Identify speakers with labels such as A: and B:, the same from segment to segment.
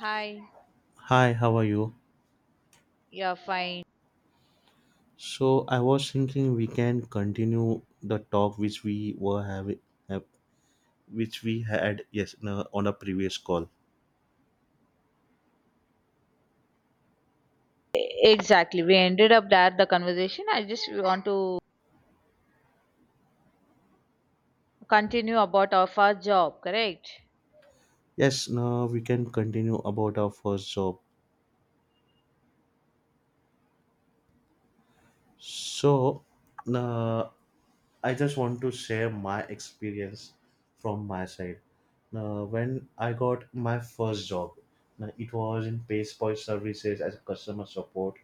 A: Hi,
B: Hi, how are you?
A: yeah, fine.
B: So I was thinking we can continue the talk which we were having, have, which we had, yes, no, on a previous call.
A: Exactly. We ended up that the conversation. I just want to continue about our first job, correct?
B: Yes, now we can continue about our first job. So now I just want to share my experience from my side. Now when I got my first job, now it was in Payspal Services as a customer support.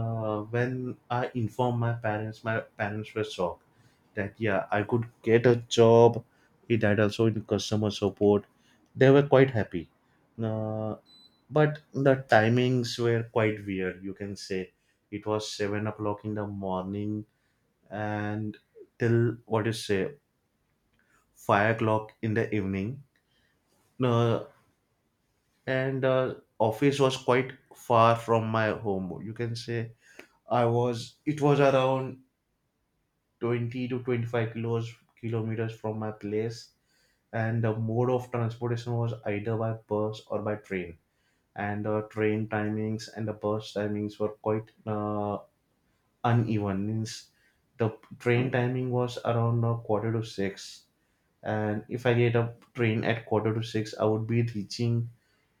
B: When I informed my parents were shocked that, yeah, I could get a job. It had also in customer support. They were quite happy. Uh, but the timings were quite weird. You can say it was 7 o'clock in the morning and till what you say 5 o'clock in the evening. Uh, and office was quite far from my home. You can say I was. It was around 20 to 25 kilos kilometers from my place, and the mode of transportation was either by bus or by train, and the train timings and the bus timings were quite uneven. Means the train timing was around quarter to six, and if I get a train at quarter to six, I would be reaching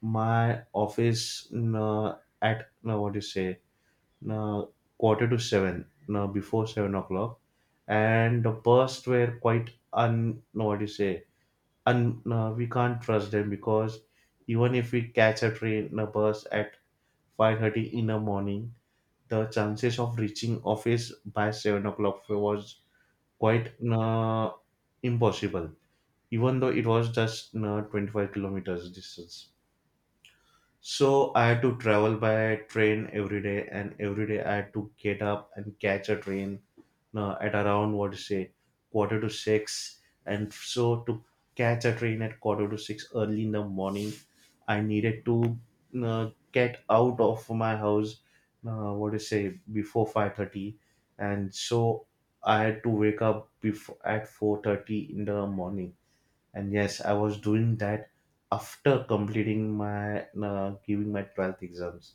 B: my office, mm, at what do you say, uh, quarter to seven, before 7 o'clock. And the bus were quite un. No, what do you say? Un. We can't trust them, because even if we catch a train, a bus at 5:30 in the morning, the chances of reaching office by 7 o'clock was quite impossible. Even though it was just 25 kilometers distance. So I had to travel by train every day, and every day I had to get up and catch a train at around what to say quarter to six. And so to catch a train at quarter to six early in the morning, I needed to get out of my house. What to say, before 5:30, and so I had to wake up before at 4:30 in the morning, and yes, I was doing that after completing my, giving my 12th exams.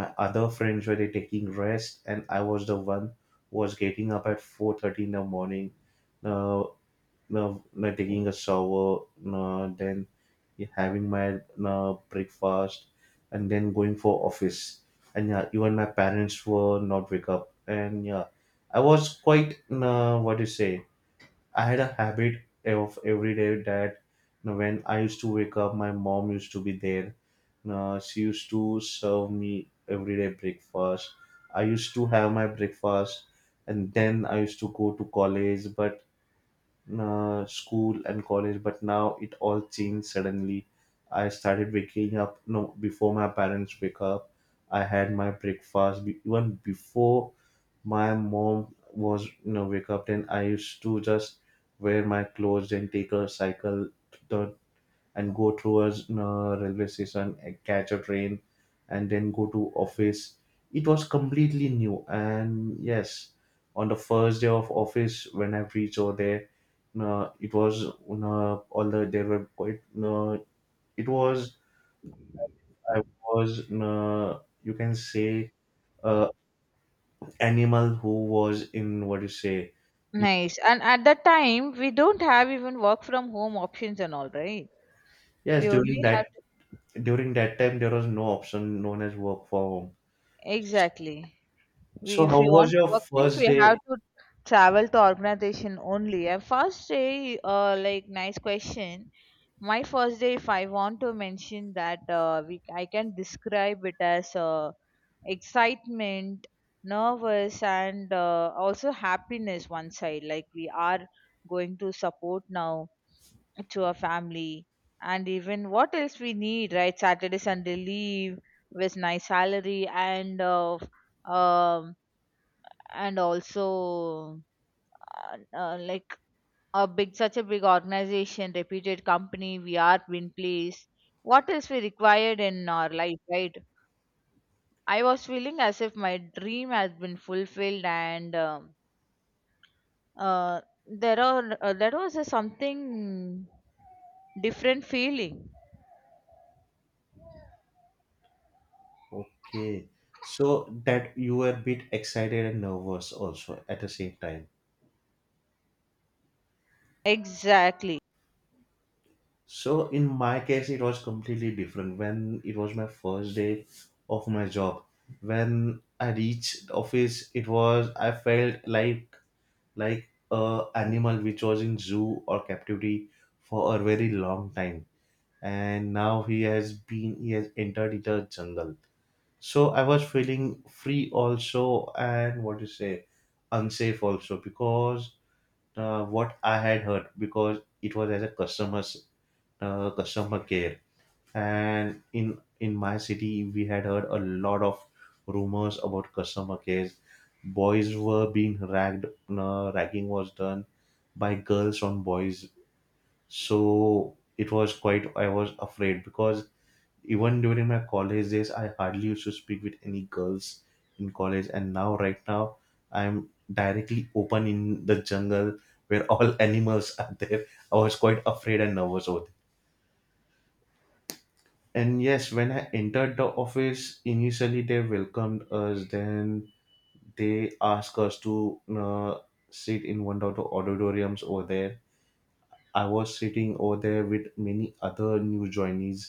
B: My other friends were, they taking rest, and I was the one who was getting up at 4:30 in the morning, uh, uh, taking a shower, then having my breakfast, and then going for office. And yeah, even my parents were not wake up, and yeah, I was quite what do you say. I had a habit of every day that, you know, when I used to wake up, my mom used to be there. She used to serve me everyday breakfast. I used to have my breakfast, and then I used to go to college, but school and college. But now it all changed suddenly. I started waking up, no, before my parents wake up. I had my breakfast, even before my mom was, you know, wake up. Then I used to just wear my clothes and take a cycle to the, and go through a, you know, railway station and catch a train, and then go to office. It was completely new. And yes, on the first day of office when I reached over there, you know, it was, you know, all the, they were quite, you know, it was, I was, you know, you can say uh, animal who was in what you say.
A: Nice. And at that time, we don't have even work from home options and all, right?
B: Yes,
A: We only have to,
B: during that time there was no option known as work from home. S-
A: exactly. We,
B: So
A: if
B: how
A: we
B: was
A: want to
B: your
A: work means
B: first
A: we have
B: day?
A: to travel to organization only. And first day, like nice question. My first day, if I want to mention that, we I can describe it as excitement, nervous, and also happiness, one side like we are going to support now to our family, and even what else we need, right? Saturday, Sunday leave with nice salary and um also, like a big, such a big organization, reputed company, we are in place. What else we required in our life, right? I was feeling as if my dream had been fulfilled, and uh, there was a something different feeling.
B: Okay. So that you were a bit excited and nervous also at the same time.
A: Exactly,
B: So in my case, it was completely different when it was my first day of my job. When I reached the office, it was, I felt like a animal which was in zoo or captivity for a very long time, and now he has been, he has entered into the jungle. So I was feeling free also, and what to say, unsafe also, because what I had heard, because it was as a customer care. And in my city, we had heard a lot of rumors about customer care. Boys were being ragged, ragging was done by girls on boys. So it was quite, I was afraid, because even during my college days, I hardly used to speak with any girls in college. And now, right now, I'm directly open in the jungle where all animals are there. I was quite afraid and nervous over there. And yes, when I entered the office, initially they welcomed us, then they asked us to sit in one of the auditoriums over there. I was sitting over there with many other new joinees.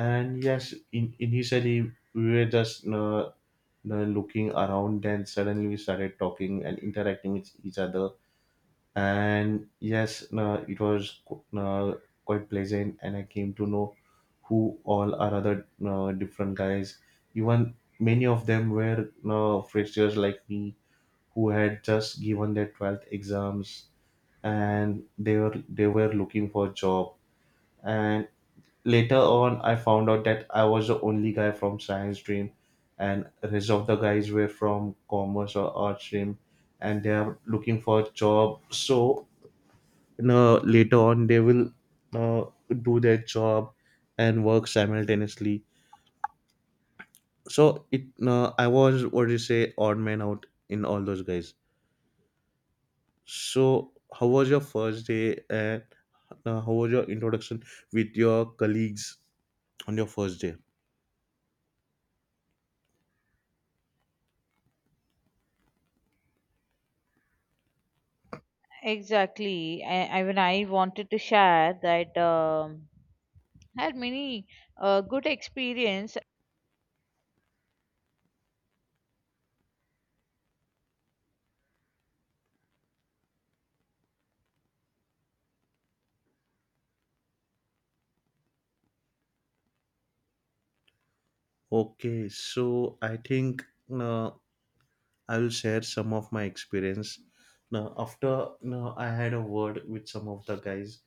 B: And yes, initially we were just looking around, then suddenly we started talking and interacting with each other. And yes, it was quite pleasant, and I came to know who all are other different guys. Even many of them were freshers like me who had just given their 12th exams, and they were looking for a job. And later on, I found out that I was the only guy from science stream, and rest of the guys were from commerce or art stream, and they are looking for a job. So no, later on, they will uh, do their job and work simultaneously. So I was, what do you say, odd man out in all those guys. So how was your first day, and how was your introduction with your colleagues on your first day?
A: exactly. I when I wanted to share that I had many good experience.
B: Okay, so I think uh, I will share some of my experience. Now, after, now I had a word with some of the guys,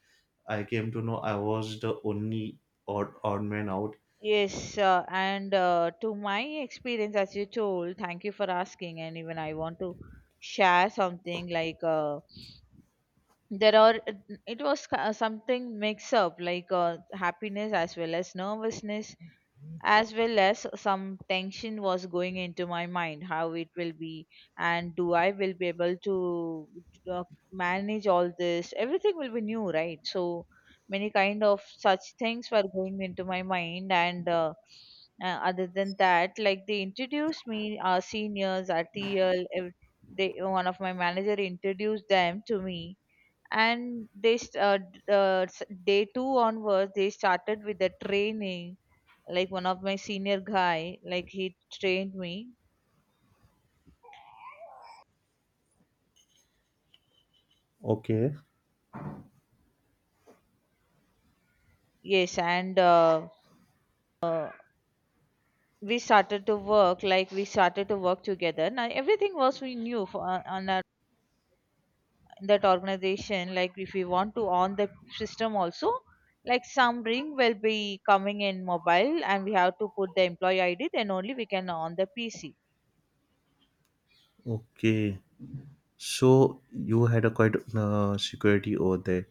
B: I came to know I was the only odd, odd man out.
A: Yes, and to my experience, as you told, thank you for asking. And even I want to share something like. There are it was something mix up like happiness as well as nervousness, as well as some tension was going into my mind how it will be, and do I will be able to uh, manage all this? Everything will be new, right? So many kind of such things were going into my mind, and other than that, like they introduced me our seniors, our TL they one of my manager introduced them to me, and they day two onwards they started with the training, like one of my senior guy, like he trained me.
B: Okay,
A: Yes, and uh, we started to work, like we started to work together. Now everything was we knew for, on our, that organization. Like if we want to on the system also, like some ring will be coming in mobile and we have to put the employee id, then only we can on the pc.
B: okay. So you had a quite security over there.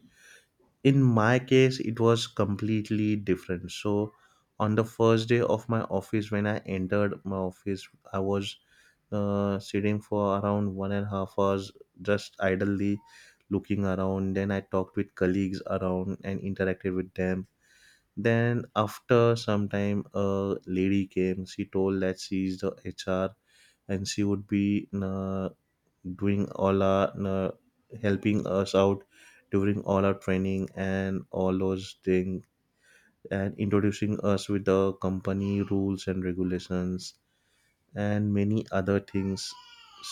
B: In my case, it was completely different. So on the first day of my office, when I entered my office, I was sitting for around one and a half hours just idly looking around. Then I talked with colleagues around and interacted with them. Then after some time, a lady came. She told that she is the HR, and she would be doing all our, helping us out during all our training and all those things, and introducing us with the company rules and regulations and many other things,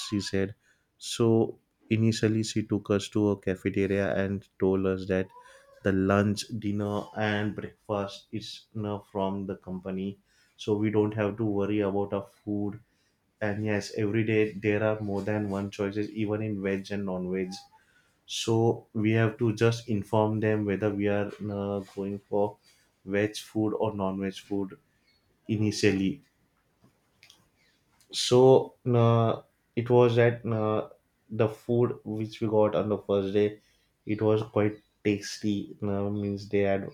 B: she said. So initially, she took us to a cafeteria and told us that the lunch, dinner, and breakfast is now from the company. So we don't have to worry about our food. And yes, every day there are more than one choices, even in veg and non veg. So we have to just inform them whether we are going for veg food or non veg food initially. So it was that, the food which we got on the first day, it was quite tasty. Means they had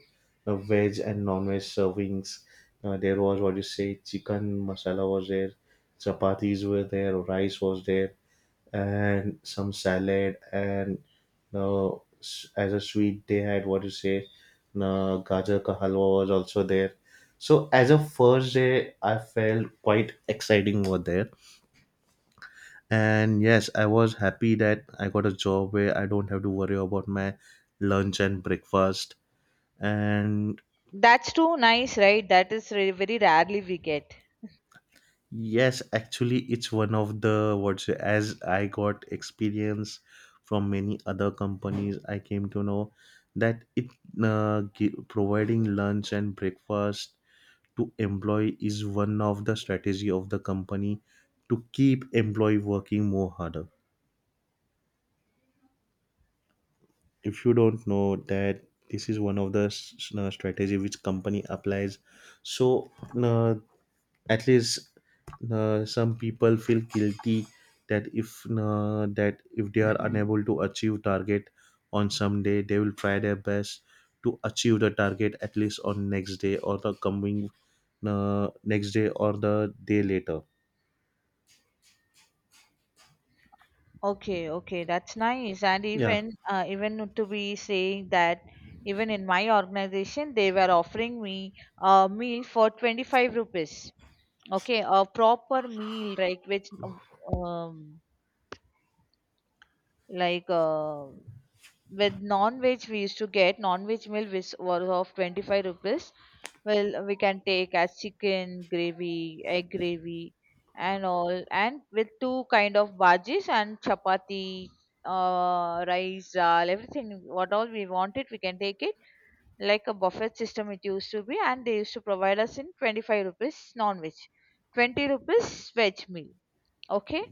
B: veg and non-veg servings. There was what you say, chicken masala was there, chapatis were there, rice was there, and some salad. And uh, as a sweet, they had what you say, gajar ka halwa was also there. So as a first day, I felt quite exciting over there, and yes, I was happy that I got a job where I don't have to worry about my lunch and breakfast. And
A: That's too nice, right? That is very rarely we get.
B: yes, actually, it's one of the what's, as I got experience from many other companies, I came to know that it, providing lunch and breakfast to employee is one of the strategy of the company to keep employee working more harder. If you don't know that, this is one of the strategy which company applies. So uh, at least, some people feel guilty that if, they are unable to achieve target on some day, they will try their best to achieve the target at least on next day or the coming, next day or the day later.
A: Okay, okay, that's nice. And
B: Yeah.
A: even, even to be saying that, even in my organization they were offering me a meal for 25 rupees. Okay, a proper meal, right? Which um, like With non-veg, we used to get non-veg meal which was of 25 rupees. Well, we can take as chicken gravy, egg gravy, and all, and with two kind of bhajis and chapati, rice, dal, everything. What all we wanted, we can take it. Like a buffet system it used to be, and they used to provide us in 25 rupees non-veg, 20 rupees veg meal. Okay.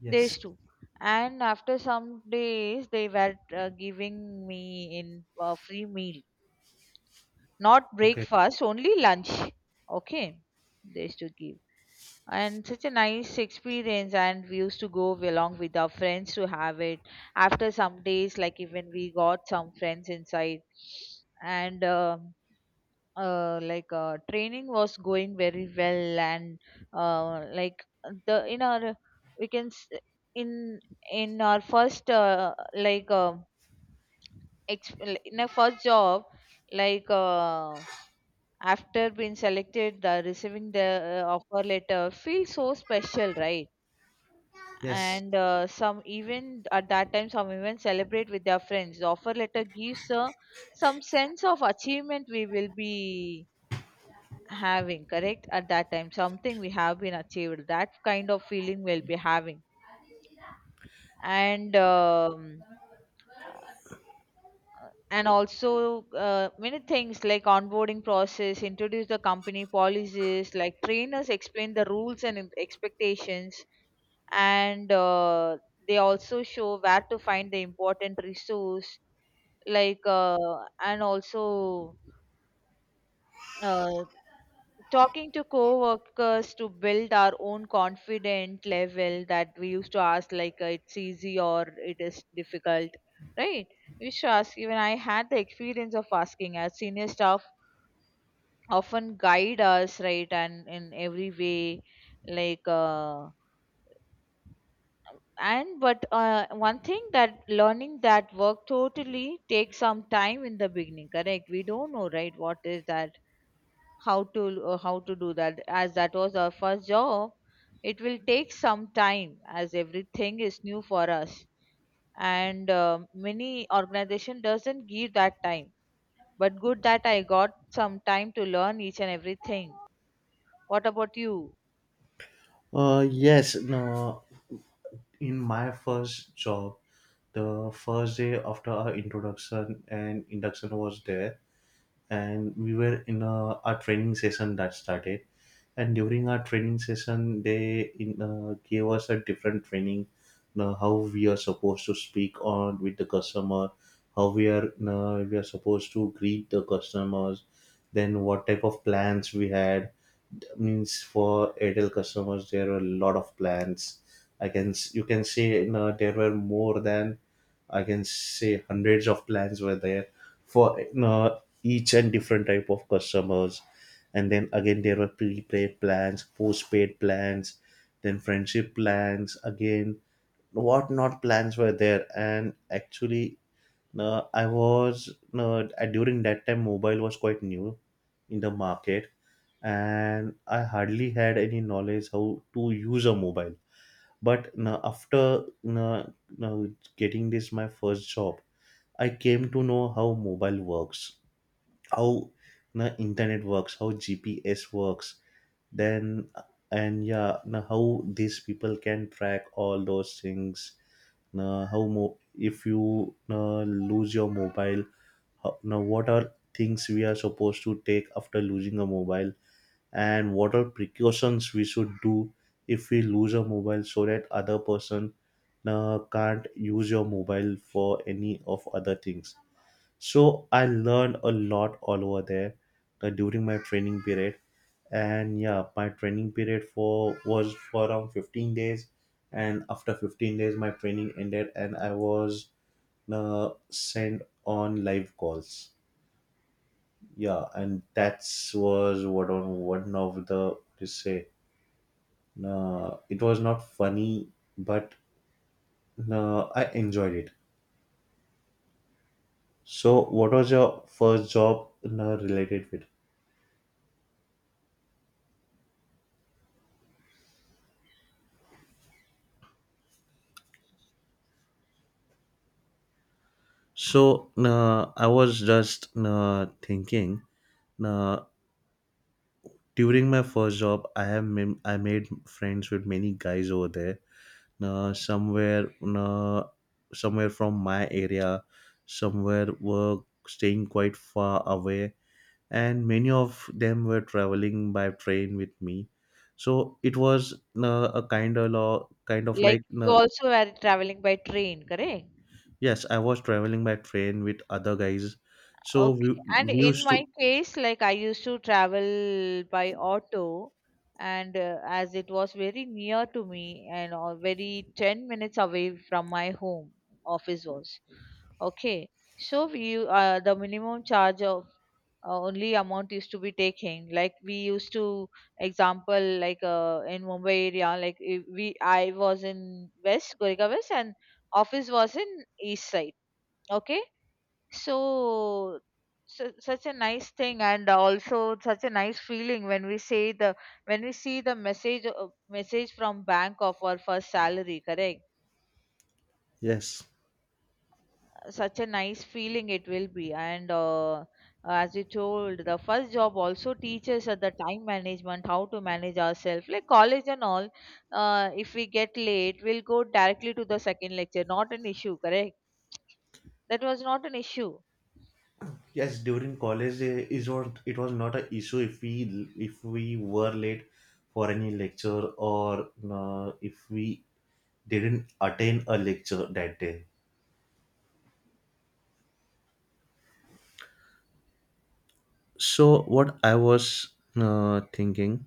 B: Yes.
A: Days too. And after some days, they were giving me in free meal, not
B: Okay.
A: breakfast, only lunch. Okay, they used to give, and such a nice experience. And we used to go along with our friends to have it. After some days, like even we got some friends inside, and like training was going very well, and like the in our we can s- in in our first, ex- in a first job, like after being selected, receiving the offer letter feels so special, right?
B: Yes.
A: And some, even at that time some even celebrate with their friends. The offer letter gives some sense of achievement we will be having, correct? At that time something we have been achieved, that kind of feeling we'll be having. And and also many things like onboarding process, introduce the company policies, like trainers explain the rules and expectations. And they also show where to find the important resource, like, and also uh, talking to co-workers to build our own confident level, that we used to ask, like it's easy or it is difficult, right? We used to ask. Even I had the experience of asking our senior staff. Often guide us, right, and in every way, like and but one thing, that learning that work totally takes some time in the beginning, correct? We don't know, right, what is that, how to how to do that, as that was our first job. It will take some time, as everything is new for us. And um, many organization doesn't give that time, but good that I got some time to learn each and everything. What about you?
B: Yes, no, in my first job, the first day after our introduction and induction was there, and we were in a training session that started. And during our training session, gave us a different training, you know, how we are supposed to speak on with the customer, how we are, you know, we are supposed to greet the customers, then what type of plans we had. Means for Airtel customers, there are a lot of plans. You can say, you know, there were more than, I can say, hundreds of plans were there for, you know, each and different type of customers. And then again, there were prepaid plans, postpaid plans, then friendship plans, again, what not plans were there. And actually, during that time, mobile was quite new in the market, and I hardly had any knowledge how to use a mobile. But now, after uh, getting this, my first job, I came to know how mobile works, how the internet works, how GPS works, then, and yeah, now how these people can track all those things. Now, how if you lose your mobile, how, now what are things we are supposed to take after losing a mobile, and what are precautions we should do if we lose a mobile so that other person can't use your mobile for any of other things. So I learned a lot all over there during my training period. And yeah, my training period for was for around 15 days. And after 15 days, my training ended and I was sent on live calls. Yeah, and that's was what on one of the what to say. It was not funny, but I enjoyed it. So, what was your first job related with? So I was just thinking, uh, during my first job, I have made, I made friends with many guys over there. Somewhere, somewhere from my area, somewhere were staying quite far away, and many of them were traveling by train with me. So it was a kind of law, kind of
A: Like
B: like,
A: you also were traveling by train, correct?
B: yes, I was traveling by train with other guys. So
A: Okay.
B: we
A: And in
B: used to.
A: my case, like I used to travel by auto, and as it was very near to me, and very 10 minutes away from my home, office was. Okay. So we, the minimum charge of only amount used to be taking, like we used to example, like in mumbai area, like if we I was in west, goregaon west, and office was in east side. Okay. So, such a nice thing. And also such a nice feeling when we say the, when we see the message, message from bank of our first salary, correct?
B: Yes.
A: Such a nice feeling it will be. And as you told, the first job also teaches us the time management, how to manage ourselves, like college and all. If we get late, we'll go directly to the second lecture, not an issue, correct? That was not an issue.
B: Yes, during college, it was, not an issue if we, if we were late for any lecture, or if we didn't attend a lecture that day. So what I was thinking,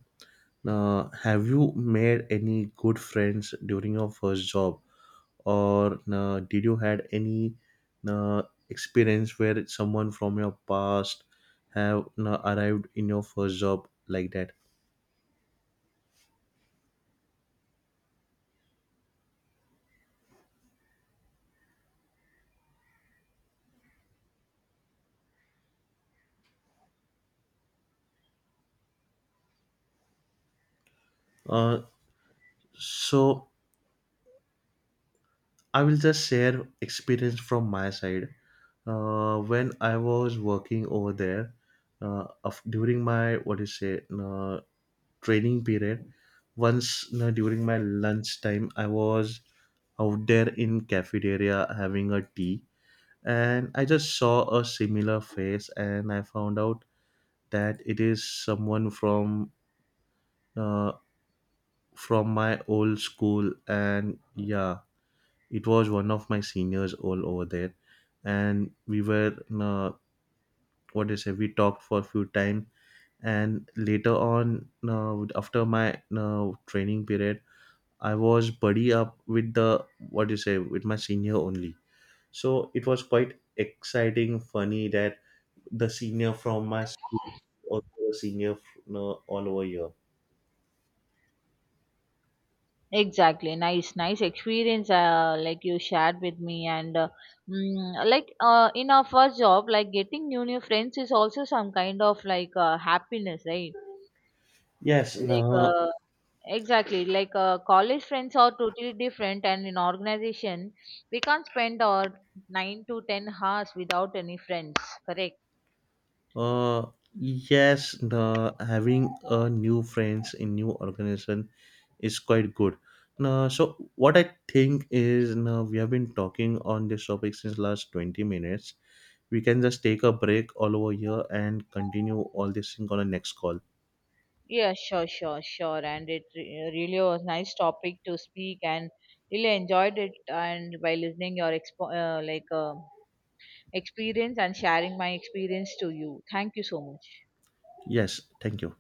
B: have you made any good friends during your first job, or did you had any uh, experience where someone from your past have arrived in your first job like that? Uh, So I will just share experience from my side. When I was working over there, during my, what do you say, training period, once you, during my lunch time, I was out there in cafeteria having a tea, and I just saw a similar face, and I found out that it is someone from, uh, from my old school, and yeah, it was one of my seniors all over there. And we were, uh, what do you say? We talked for a few time, and later on, after my training period, I was buddy up with the, what do you say, with my senior only. So it was quite exciting, funny that the senior from my school, also the senior all over here.
A: Exactly, nice, nice experience. Like you shared with me, and like in our first job, like getting new new friends is also some kind of like happiness, right?
B: Yes,
A: Like
B: no.
A: exactly, like college friends are totally different, and in organization, we can't spend our 9 to 10 hours without any friends. Correct.
B: Uh, yes, the, having new friends in new organization is quite good. Now, so what I think is, now we have been talking on this topic since last 20 minutes. We can just take a break all over here and continue all this thing on the next call.
A: Yeah, sure, sure, sure. And it really was nice topic to speak, and really enjoyed it. And by listening your experience and sharing my experience to you, thank you so much.
B: Yes, thank you.